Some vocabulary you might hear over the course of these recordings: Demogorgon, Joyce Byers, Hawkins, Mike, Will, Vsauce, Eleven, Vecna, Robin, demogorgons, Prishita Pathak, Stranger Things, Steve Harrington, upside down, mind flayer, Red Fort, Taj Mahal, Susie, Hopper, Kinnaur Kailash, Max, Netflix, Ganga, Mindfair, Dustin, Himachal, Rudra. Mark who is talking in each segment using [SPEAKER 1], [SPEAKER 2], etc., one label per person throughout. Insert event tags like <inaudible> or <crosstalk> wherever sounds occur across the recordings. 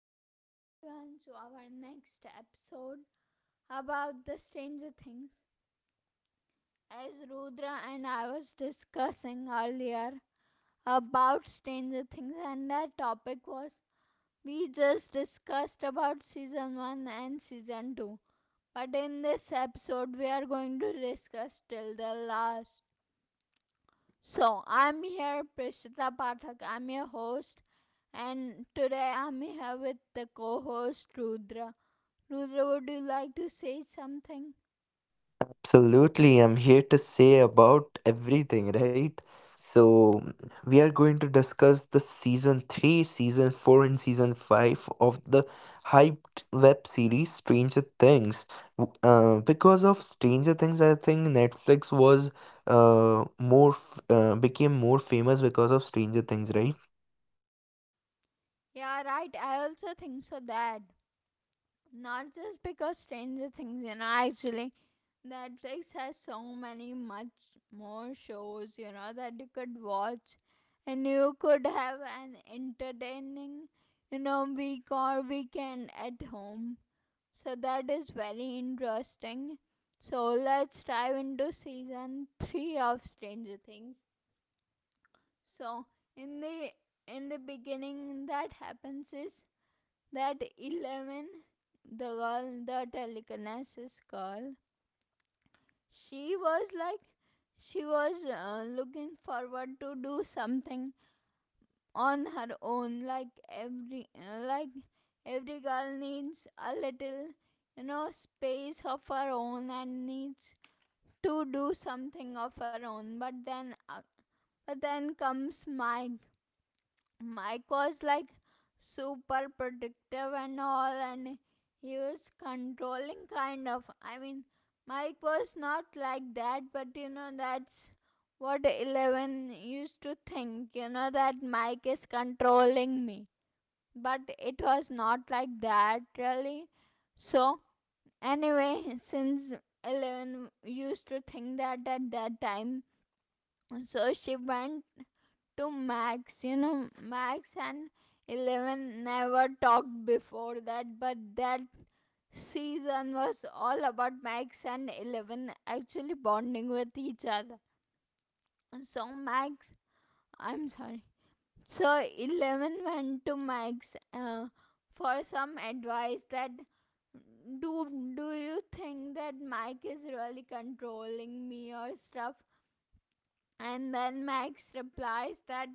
[SPEAKER 1] Welcome everyone to our next episode about the Stranger Things. As Rudra and I was discussing earlier about Stranger Things, and that topic was, we just discussed about season 1 and season 2. But in this episode we are going to discuss till the last. So I'm here, Prishita Pathak. I'm your host, and today I'm here with the co-host Rudra. Rudra, would you like to say something?
[SPEAKER 2] Absolutely, I'm here to say about everything, right? So, we are going to discuss the season 3, season 4, and season 5 of the hyped web series Stranger Things. Because of Stranger Things, I think Netflix became more famous because of Stranger Things, right?
[SPEAKER 1] Yeah, right. I also think so that not just because Stranger Things, actually Netflix has so many much more shows, that you could watch, and you could have an entertaining, week or weekend at home. So that is very interesting. So let's dive into season 3 of Stranger Things. So in the in the beginning, that happens is that Eleven, the girl, the telekinesis girl, she was like she was looking forward to do something on her own, like every girl needs a little space of her own and needs to do something of her own, but then comes Mike. Mike was like super predictive and all, and he was controlling, kind of. I mean, Mike was not like that, but that's what Eleven used to think, that Mike is controlling me. But it was not like that, really. So, anyway, since Eleven used to think that at that time, so she went to Max. Max and Eleven never talked before that, but that season was all about Max and Eleven actually bonding with each other. So, Max, I'm sorry. So, Eleven went to Max for some advice that do do you think that Mike is really controlling me or stuff. And then Max replies that,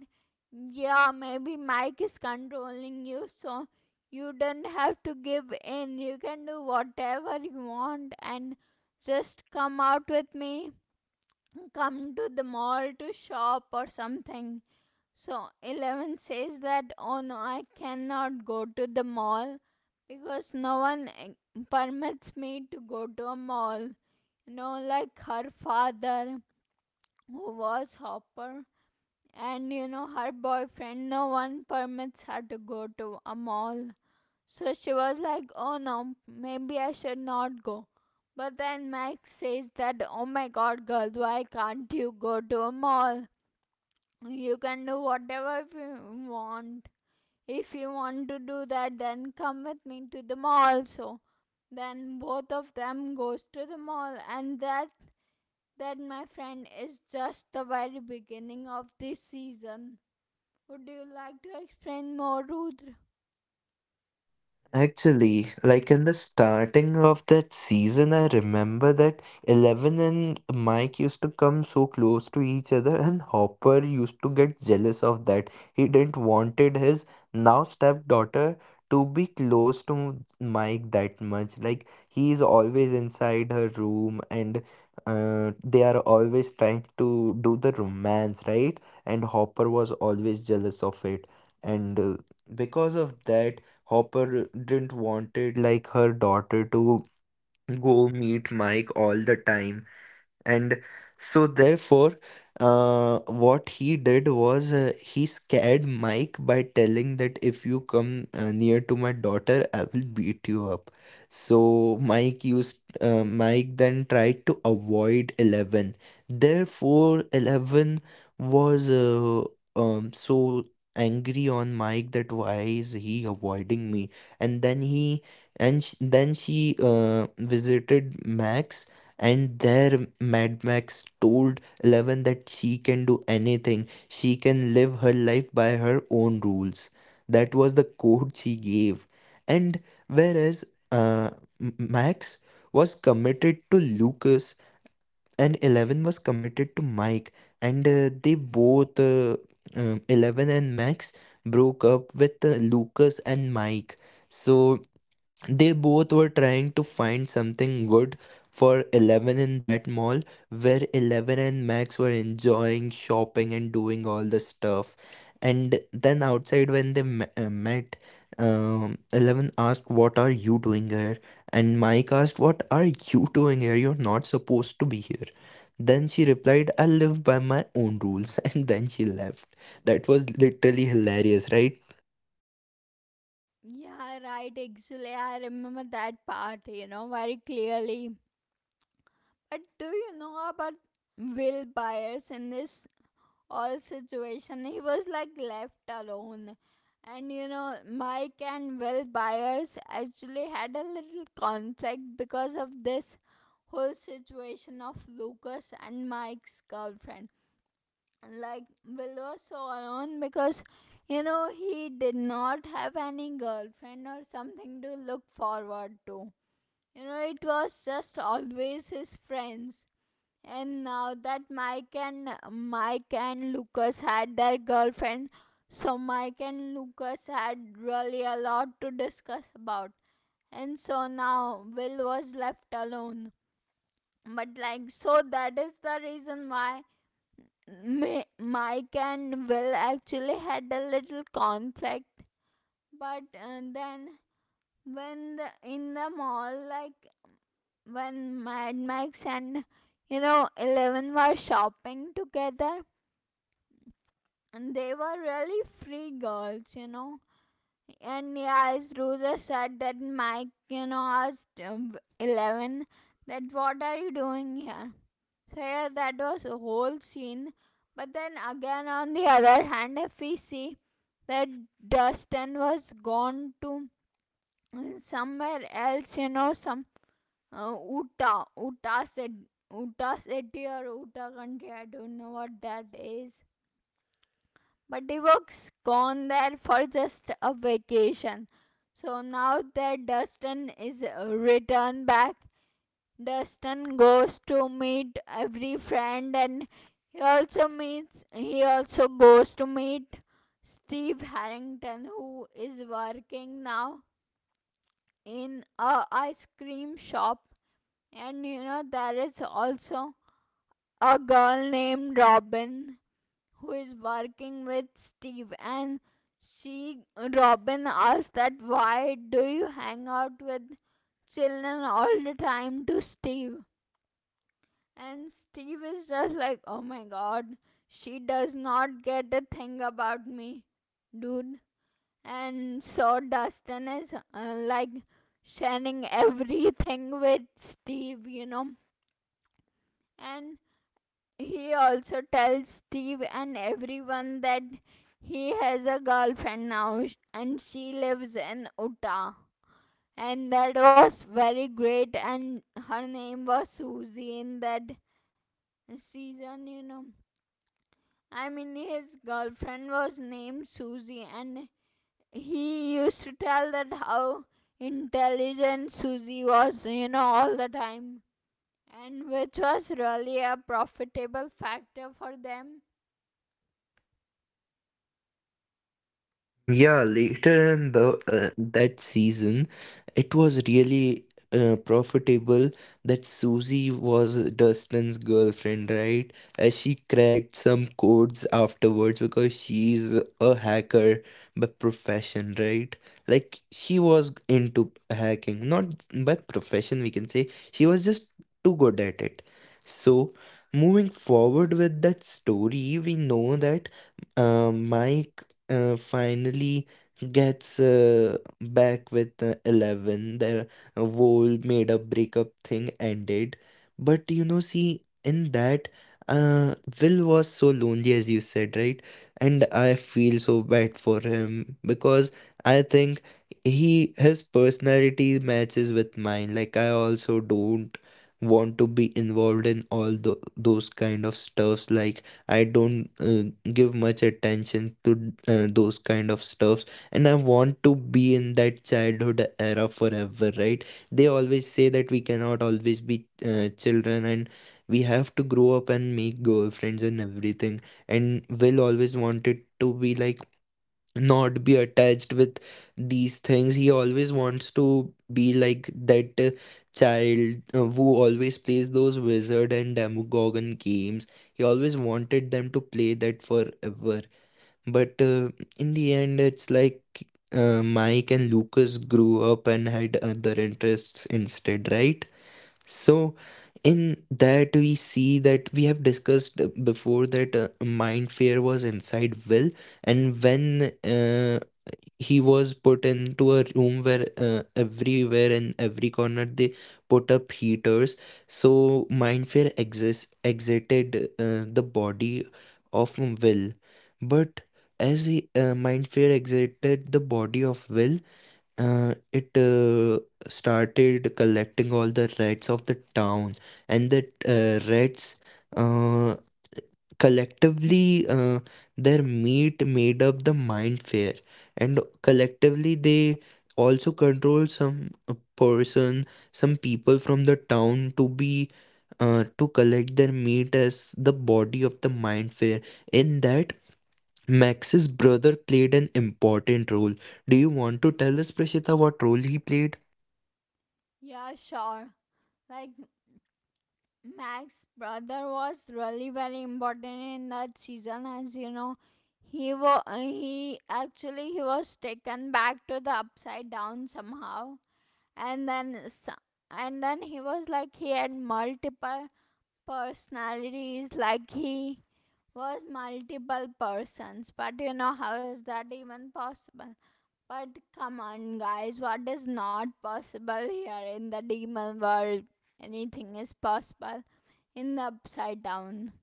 [SPEAKER 1] yeah, maybe Mike is controlling you, so you don't have to give in. You can do whatever you want and just come out with me. Come to the mall to shop or something. So Eleven says that, oh no, I cannot go to the mall, because no one permits me to go to a mall. Like her father, who was Hopper, and her boyfriend, no one permits her to go to a mall. So she was like, oh no, maybe I should not go. But then Max says that, oh my god, girl, why can't you go to a mall? You can do whatever if you want. If you want to do that, then come with me to the mall. So then both of them goes to the mall, and that, my friend, is just the very beginning of this season. Would you like to explain more, Rudra?
[SPEAKER 2] Actually, like in the starting of that season, I remember that Eleven and Mike used to come so close to each other, and Hopper used to get jealous of that. He didn't wanted his now stepdaughter to be close to Mike that much. Like he is always inside her room, and they are always trying to do the romance, right? And Hopper was always jealous of it, and because of that Hopper didn't wanted like her daughter to go meet Mike all the time. And so, therefore, what he did was he scared Mike by telling that if you come near to my daughter, I will beat you up. So Mike then tried to avoid Eleven. Therefore, Eleven was so angry on Mike that why is he avoiding me? And then she visited Max, and there, Mad Max told Eleven that she can do anything. She can live her life by her own rules. That was the quote she gave. And whereas uh, Max was committed to Lucas and Eleven was committed to Mike, and Eleven and Max broke up with Lucas and Mike. So they both were trying to find something good for Eleven in that mall where Eleven and Max were enjoying shopping and doing all the stuff. And then outside, when they met, Eleven asked, "What are you doing here?" And Mike asked, "What are you doing here? You're not supposed to be here." Then she replied, "I live by my own rules." <laughs> And then she left. That was literally hilarious, right?
[SPEAKER 1] Yeah, right, actually, I remember that part, very clearly. But do you know about Will Byers in this whole situation? He was like left alone. And Mike and Will Byers actually had a little conflict because of this whole situation of Lucas and Mike's girlfriend. Like Will was so alone, because he did not have any girlfriend or something to look forward to. It was just always his friends. And now that Mike and Lucas had their girlfriend, so Mike and Lucas had really a lot to discuss about. And so now Will was left alone. But like so that is the reason why Mike and Will actually had a little conflict, but then when in the mall, like when Mad Max and Eleven were shopping together, and they were really free girls. And yeah, as Ruza said that Mike, asked Eleven that what are you doing here. So yeah, that was a whole scene. But then again, on the other hand, if we see that Dustin was gone to somewhere else, some Utah said. Utah city or Utah country, I don't know what that is. But he was gone there for just a vacation. So now that Dustin is returned back, Dustin goes to meet every friend, and he also goes to meet Steve Harrington, who is working now in a ice cream shop. And there is also a girl named Robin who is working with Steve, and she Robin asks that why do you hang out with children all the time to Steve. And Steve is just like, oh my god, she does not get a thing about me, dude. And so Dustin is like sharing everything with Steve. And he also tells Steve and everyone that he has a girlfriend now, and she lives in Utah. And that was very great, and her name was Susie in that season. I mean, his girlfriend was named Susie, and he used to tell that how intelligent Susie was, all the time, and which was really a profitable factor for them.
[SPEAKER 2] Yeah, later in the that season, it was really profitable that Susie was Dustin's girlfriend, right? As she cracked some codes afterwards because she's a hacker by profession, right? Like she was into hacking, not by profession, we can say. She was just too good at it. So, moving forward with that story, we know that Mike finally gets back with 11. Their whole made up breakup thing ended, but you know, see, in that uh, will was so lonely, as you said, right? And I feel so bad for him because I think he his personality matches with mine. Like, I also don't want to be involved in all those kind of stuffs. Like, I don't give much attention to those kind of stuffs, and I want to be in that childhood era forever, right? They always say that we cannot always be children and we have to grow up and make girlfriends and everything, and Will always wanted to be like, not be attached with these things. He always wants to be like that child who always plays those wizard and demagogue games. He always wanted them to play that forever. But in the end, it's like Mike and Lucas grew up and had other interests instead, right? So, in that, we see that we have discussed before that Mindfair was inside Will, and when he was put into a room where everywhere and every corner they put up heaters, so mindfair exis exited the body of Will. But as mindfair exited the body of Will, it started collecting all the rats of the town, and the uh, rats uh, collectively uh, their meat made up the mind fair, and collectively they also control some people from the town to be to collect their meat as the body of the mind fair. In that, Max's brother played an important role. Do you want to tell us, Prashita, what role he played?
[SPEAKER 1] Yeah, sure. Like, Max's brother was really very important in that season, as you know. He wa- he actually he was taken back to the upside down somehow. and then s and then he was like he had multiple personalities. Like he was multiple persons, but how is that even possible? But come on guys, what is not possible here in the demon world? Anything is possible in the upside down.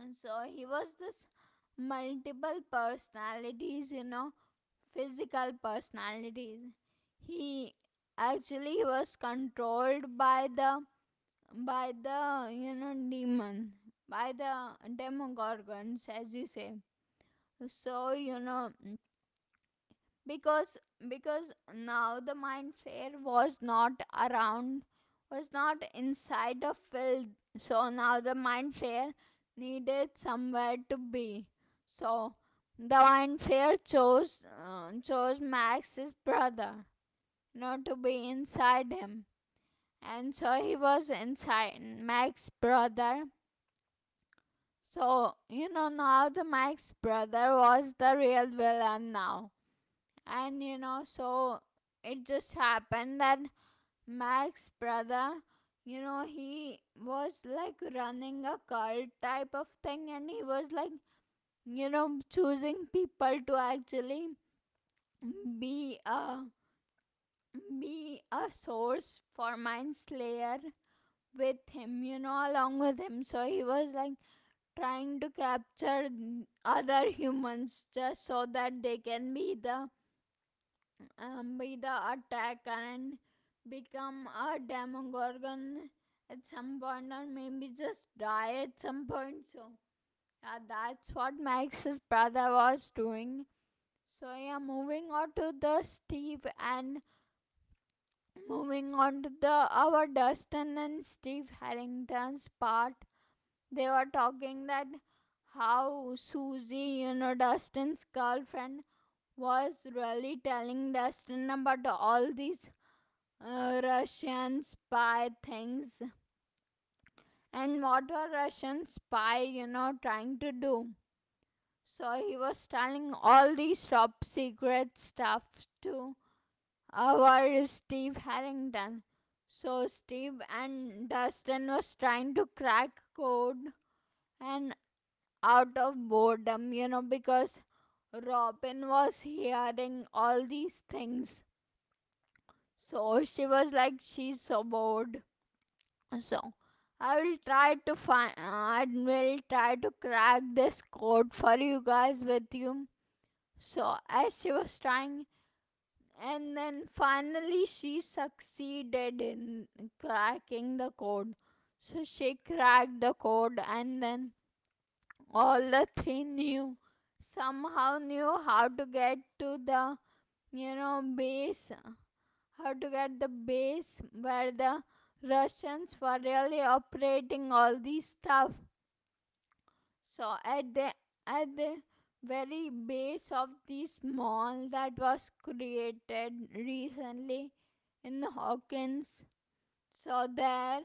[SPEAKER 1] And so he was this multiple personalities, physical personalities. He actually was controlled by the demon, by the demogorgons, as you say. So because now the mind flare was not around, was not inside the field. So now the mind flare needed somewhere to be. So the mind flare chose Max's brother, to be inside him. And so he was inside Max's brother. So now the Max's brother was the real villain now. And so it just happened that Mac's brother, he was like running a cult type of thing, and he was like choosing people to actually be a be a source for mind slayer with him, along with him. So he was like trying to capture other humans just so that they can be the by the attack, and become a demogorgon at some point, or maybe just die at some point. So, yeah, that's what Max's brother was doing. So, yeah, moving on to the Steve, and moving on to the our Dustin and Steve Harrington's part. They were talking that how Susie, Dustin's girlfriend, was really telling Dustin about all these Russian spy things and what a Russian spy, trying to do. So he was telling all these top secret stuff to our Steve Harrington. So Steve and Dustin was trying to crack code, and out of boredom, because Robin was hearing all these things. So she was like, she's so bored. So I will try to find uh, I will try to crack this code for you guys with you. So as she was trying, and then finally she succeeded in cracking the code. So she cracked the code, and then all the three knew somehow knew how to get to the base, how to get the base where the Russians were really operating all these stuff. So at the very base of this mall that was created recently in Hawkins, so there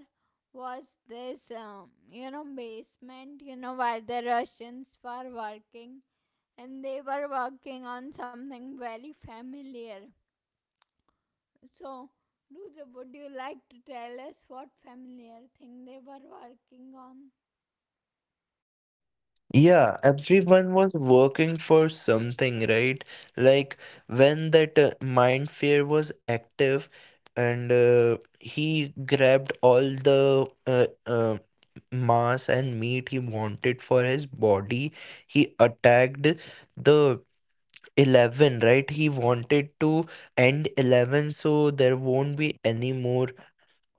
[SPEAKER 1] was this basement, where the Russians were working, and they were working on something very familiar. So, Rudra, would you like to tell us what familiar thing they were working on?
[SPEAKER 2] Yeah, everyone was working for something, right? Like, when that mind fair was active and he grabbed all the mass and meat he wanted for his body, he attacked the 11, right? He wanted to end 11, so there won't be any more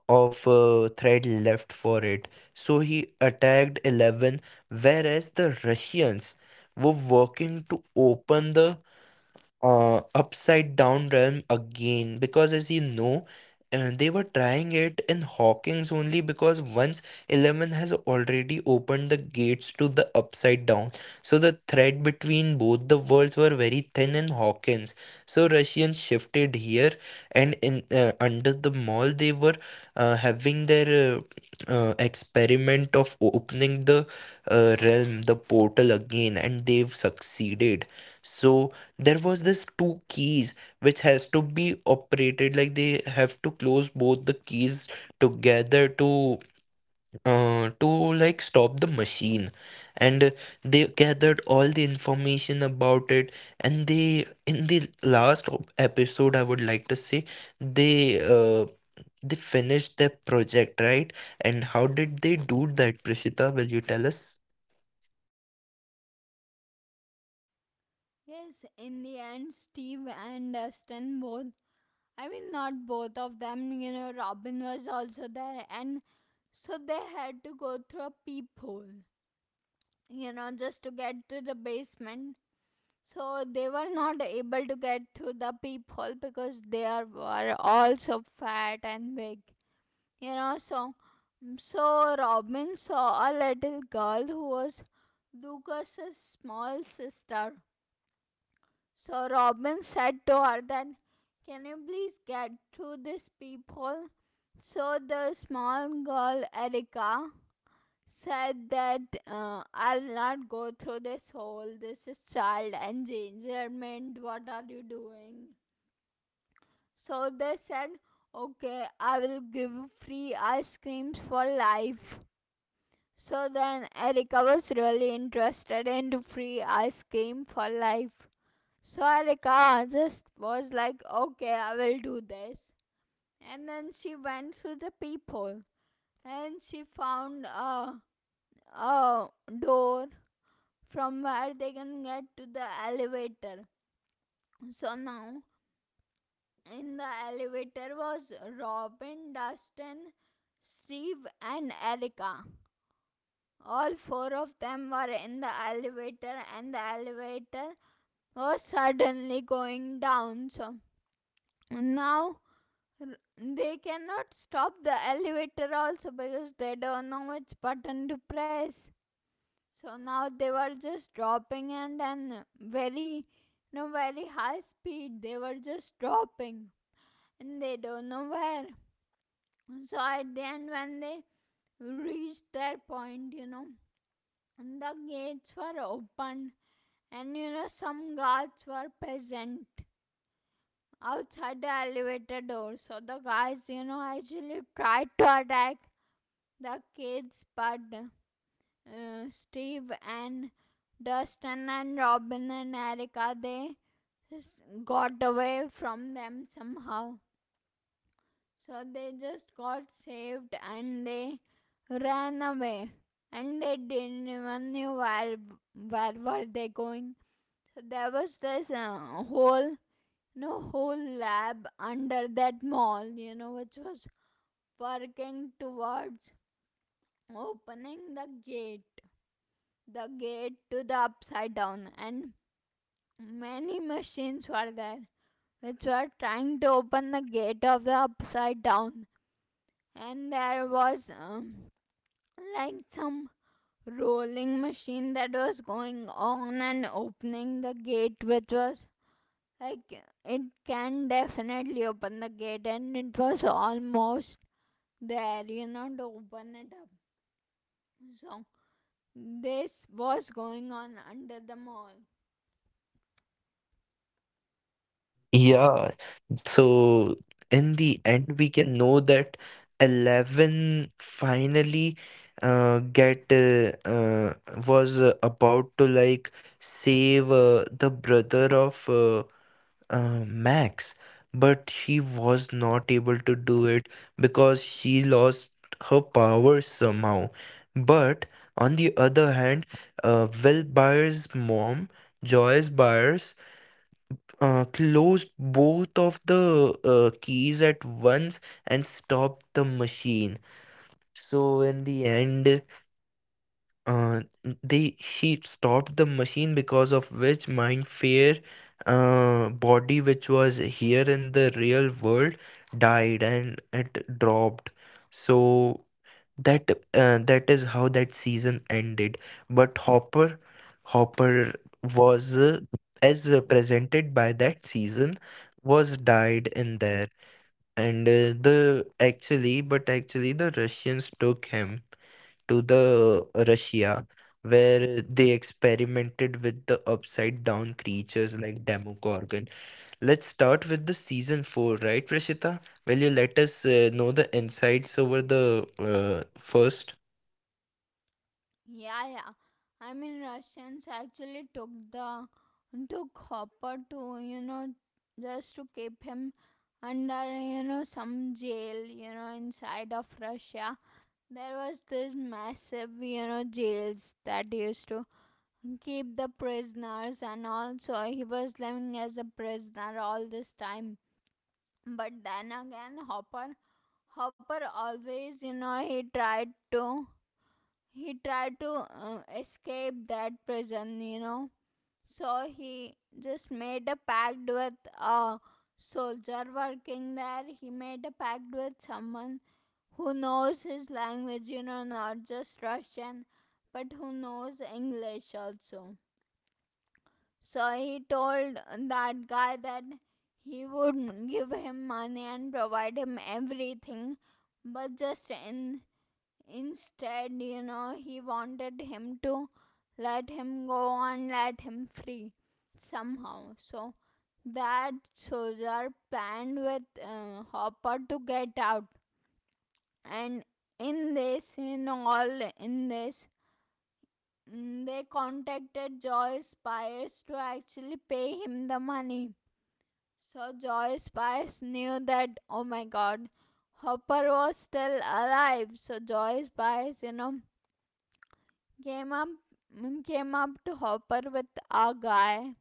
[SPEAKER 2] of thread left for it. So he attacked 11, whereas the Russians were working to open the upside down realm again, because, as you know, they were trying it in Hawkins only, because once 11 has already opened the gates to the upside down, so the thread between both the worlds were very thin in Hawkins. So Russians shifted here, and in under the mall they were having their experiment of opening the portal again, and they've succeeded. So there was this two keys which has to be operated, like they have to close both the keys together to uh, to like stop the machine, and they gathered all the information about it. And they, in the last episode, I would like to say, they uh, they finished their project, right? And how did they do that, Prishita? Will you tell us?
[SPEAKER 1] Yes, in the end, Steve and Dustin both. I mean, not both of them, Robin was also there, and so they had to go through a peephole, just to get to the basement. So they were not able to get through the peephole because they were all so fat and big. you know so so Robin saw a little girl who was Lucas's small sister. So Robin said to her that, can you please get through this peephole? So the small girl Erica said that, I'll not go through this hole. This is child endangerment. What are you doing? So they said, okay, I will give free ice creams for life. So then Erica was really interested into free ice cream for life. So Erica just was like, okay, I will do this. And then she went through the peephole, and she found a door from where they can get to the elevator. So now in the elevator was Robin, Dustin, Steve, and Erica. All four of them were in the elevator, and the elevator was suddenly going down. So now they cannot stop the elevator also because they don't know which button to press. So now they were just dropping and very no very high speed. They were just dropping and they don't know where. So at the end when they reached their point, you know, and the gates were opened. And you know, some guards were present outside the elevator door. So the guys, you know, actually tried to attack the kids, but Steve and Dustin and Robin and Erica, they just got away from them somehow. So they just got saved and they ran away. And they didn't even know where were they going. So there was this whole no whole lab under that mall, you know, which was working towards opening the gate to the upside down, and many machines were there which were trying to open the gate of the upside down, and there was like some rolling machine that was going on and opening the gate, which was like it can definitely open the gate and it was almost there, you know, to open it up. So this was going on under the mall.
[SPEAKER 2] Yeah, so in the end, we can know that 11 finally get was about to like save the brother of Max, but she was not able to do it because she lost her powers somehow. But on the other hand, Will Byers' mom, Joyce Byers, closed both of the keys at once and stopped the machine. So in the end, uh, they she stopped the machine, because of which my fair body, which was here in the real world, died and it dropped. So that is how that season ended. But Hopper was, as presented by that season, was died in there. And the actually, but actually, the Russians took him to the Russia, where they experimented with the upside down creatures like Demogorgon. Let's start with the season four, right, Prashita? Will you let us know the insights over the first?
[SPEAKER 1] Yeah, yeah. I mean, Russians actually took the took Hopper to, you know, just to keep him under, you know, some jail, you know, inside of Russia. There was this massive, you know, jails that used to keep the prisoners, and also he was living as a prisoner all this time. But then again, Hopper always, you know, he tried to escape that prison, you know. So he just made a pact with a soldier working there. He made a pact with someone who knows his language, you know, not just Russian, but who knows English also. So he told that guy that he would give him money and provide him everything, but just in instead, you know, he wanted him to let him go and let him free somehow. So that soldier planned with Hopper to get out, and in this, in all, in this, they contacted Joyce Byers to actually pay him the money. So Joyce Byers knew that, oh my god, Hopper was still alive. So Joyce Byers, you know, came up came up to Hopper with a guy.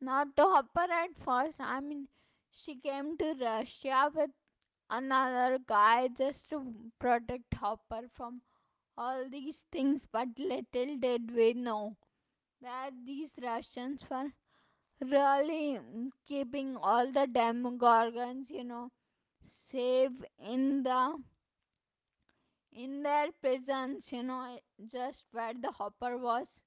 [SPEAKER 1] Not to Hopper at first. I mean, she came to Russia with another guy just to protect Hopper from all these things. But little did we know that these Russians were really keeping all the demogorgons, you know, safe in the in their prisons, you know, just where the Hopper was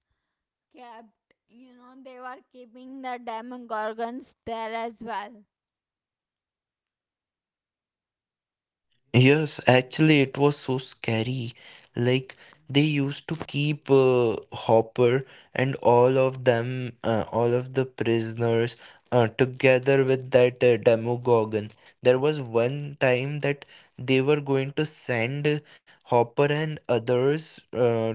[SPEAKER 1] kept. You know, they were keeping the demogorgons there as well.
[SPEAKER 2] Yes, actually, it was so scary. Like, they used to keep Hopper and all of them, all of the prisoners, together with that Demogorgon. There was one time that they were going to send Hopper and others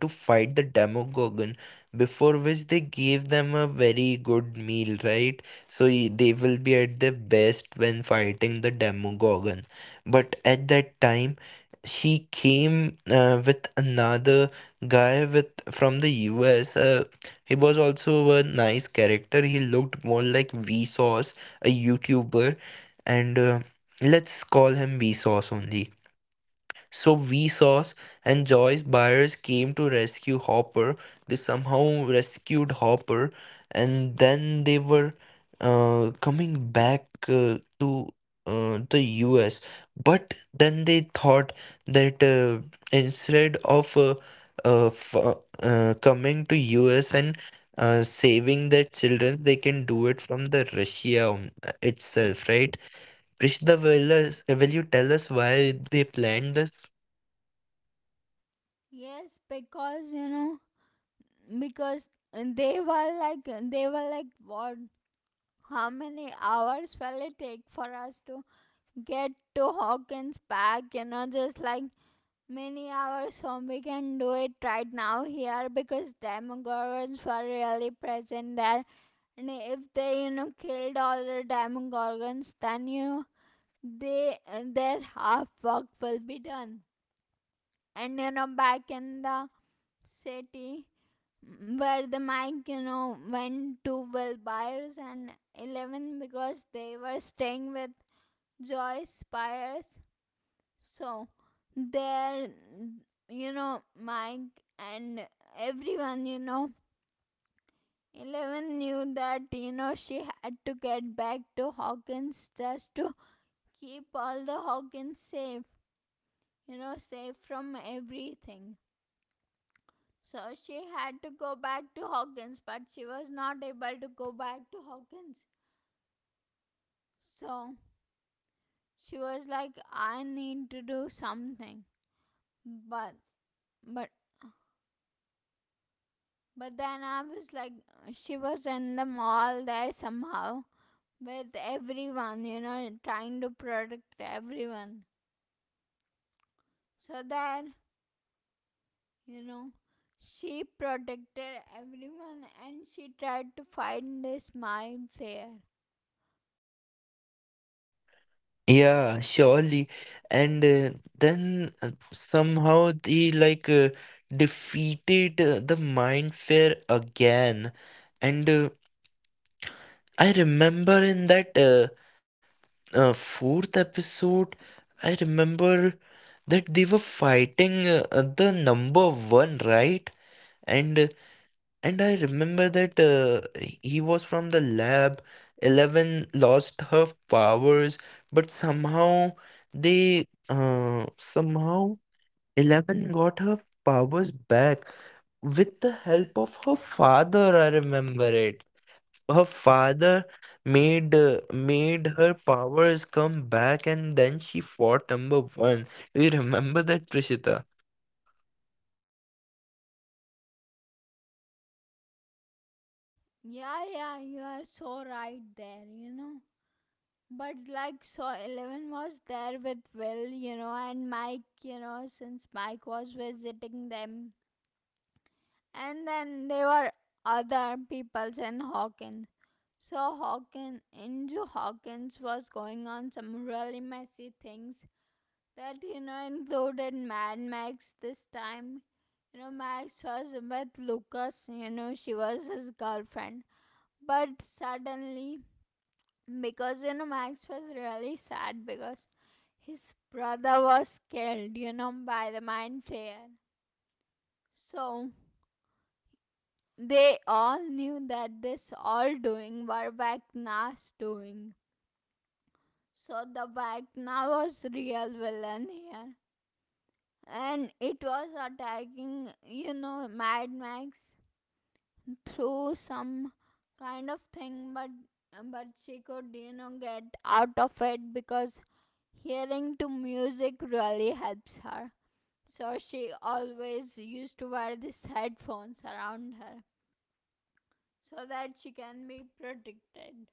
[SPEAKER 2] to fight the Demogorgon, before which they gave them a very good meal, right? So they will be at their best when fighting the Demogorgon. But at that time, she came with another guy with from the US. He was also a nice character. He looked more like Vsauce, a YouTuber, and let's call him Vsauce only. So Vsauce and Joyce Buyers came to rescue Hopper. They somehow rescued Hopper, and then they were coming back to the US. But then they thought that, instead of uh, f- uh, coming to US and saving their children, they can do it from the Russia itself, right? Prishda, will you tell us why they planned this?
[SPEAKER 1] Yes, because you know, because they were like, what? How many hours will it take for us to get to Hawkins back? You know, just like many hours. So we can do it right now here because demogorgons were really present there. And if they, you know, killed all the demogorgons, then you they their half work will be done. And you know, back in the city where the mic, you know, went to Will Byers and Eleven because they were staying with Joyce Byers. So there, you know, Mike and everyone, you know, Eleven knew that, you know, she had to get back to Hawkins just to keep all the Hawkins safe, you know, safe from everything. So she had to go back to Hawkins, but she was not able to go back to Hawkins. So she was like, I need to do something. But, but, but then I was like, she was in the mall there somehow with everyone, you know, trying to protect everyone. So then, you know, she protected everyone and she tried to find this mime there.
[SPEAKER 2] Yeah, surely. And then somehow they like defeated the mind fair again. And I remember in that fourth episode, I remember that they were fighting the number one, right? And uh, and I remember that he was from the lab. Eleven lost her powers, but somehow Eleven got her powers back with the help of her father. I remember it. Her father made her powers come back, and then she fought number one. Do you remember that, Prishita?
[SPEAKER 1] Yeah, yeah, you are so right there, you know. But like, so Eleven was there with Will, you know, and Mike, you know, since Mike was visiting them. And then there were other peoples and Hawkins. So Hawkins, into Hawkins was going on some really messy things that, you know, included Mad Max this time. You know, Max was with Lucas, you know, she was his girlfriend. But suddenly because you know max was really sad because his brother was killed, you know, by the mind flayer. So they all knew that this all doing were Vecna's doing. So the Vecna was real villain here and it was attacking, you know, mad max through some kind of thing, but she could, you know, get out of it because hearing to music really helps her. So she always used to wear these headphones around her so that she can be protected.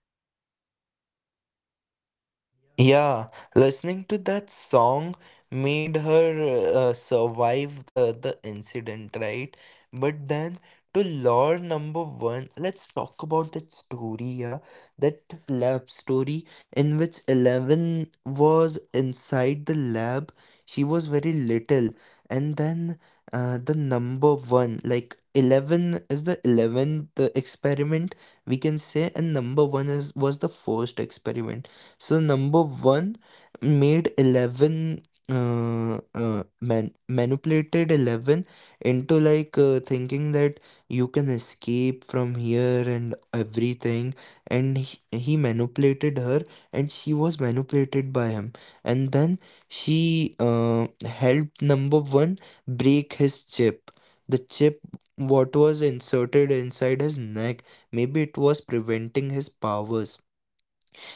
[SPEAKER 2] Yeah, listening to that song made her survive the incident, right? But then, to lore number one, let's talk about that story. Yeah, that lab story in which Eleven was inside the lab. She was very little, and then the number one, like Eleven is the eleventh experiment, we can say, and number one is was the first experiment. So number one made 11 manipulated 11 into like thinking that you can escape from here and everything, and he manipulated her, and she was manipulated by him. And then she helped number one break his chip, the chip what was inserted inside his neck. Maybe it was preventing his powers.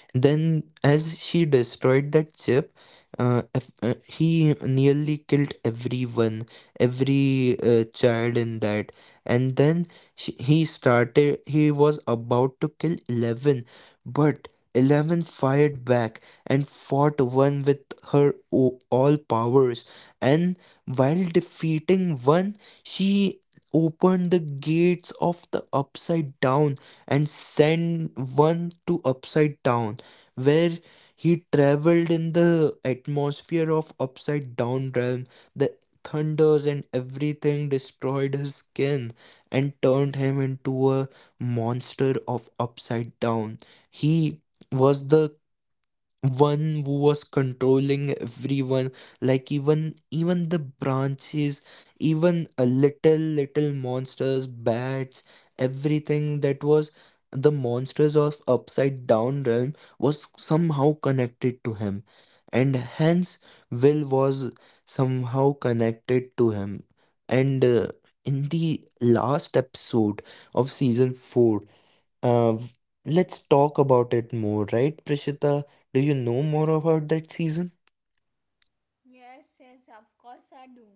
[SPEAKER 2] Then, as she destroyed that ship, he nearly killed everyone, every child in that. And then he started, he was about to kill 11, but 11 fired back and fought one with her all powers. And while defeating one, she opened the gates of the upside down and sent one to upside down, where he traveled in the atmosphere of upside down realm. The thunders and everything destroyed his skin and turned him into a monster of upside down. He was the one who was controlling everyone, like even the branches, even a little monsters, bats, everything. That was the monsters of upside down realm was somehow connected to him, and hence Will was somehow connected to him. And in the last episode of season 4, uh, let's talk about it more, right, Prishita? Do you know more about that season?
[SPEAKER 1] Yes, yes, of course I do.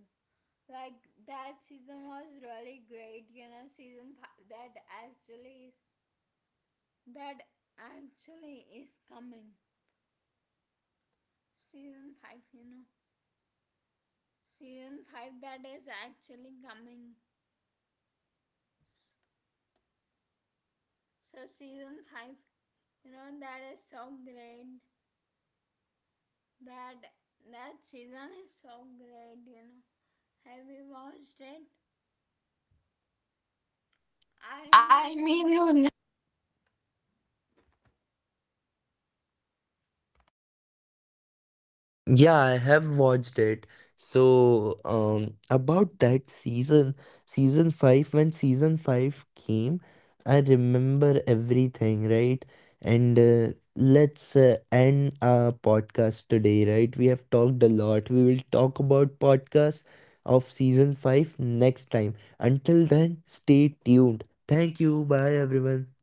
[SPEAKER 1] Like that season was really great, you know, season five that actually is coming. Season five, you know. Season five that is actually coming. So season five, you know, that is so great. That that season is so great, you know. Have you watched it?
[SPEAKER 2] I
[SPEAKER 1] I
[SPEAKER 2] mean, you—
[SPEAKER 1] mean,
[SPEAKER 2] Yeah, I have watched it. So, about that season, season five, when season five came, I remember everything, right? And let's end our podcast today, right? We have talked a lot. We will talk about podcasts of season five next time. Until then, stay tuned. Thank you. Bye, everyone.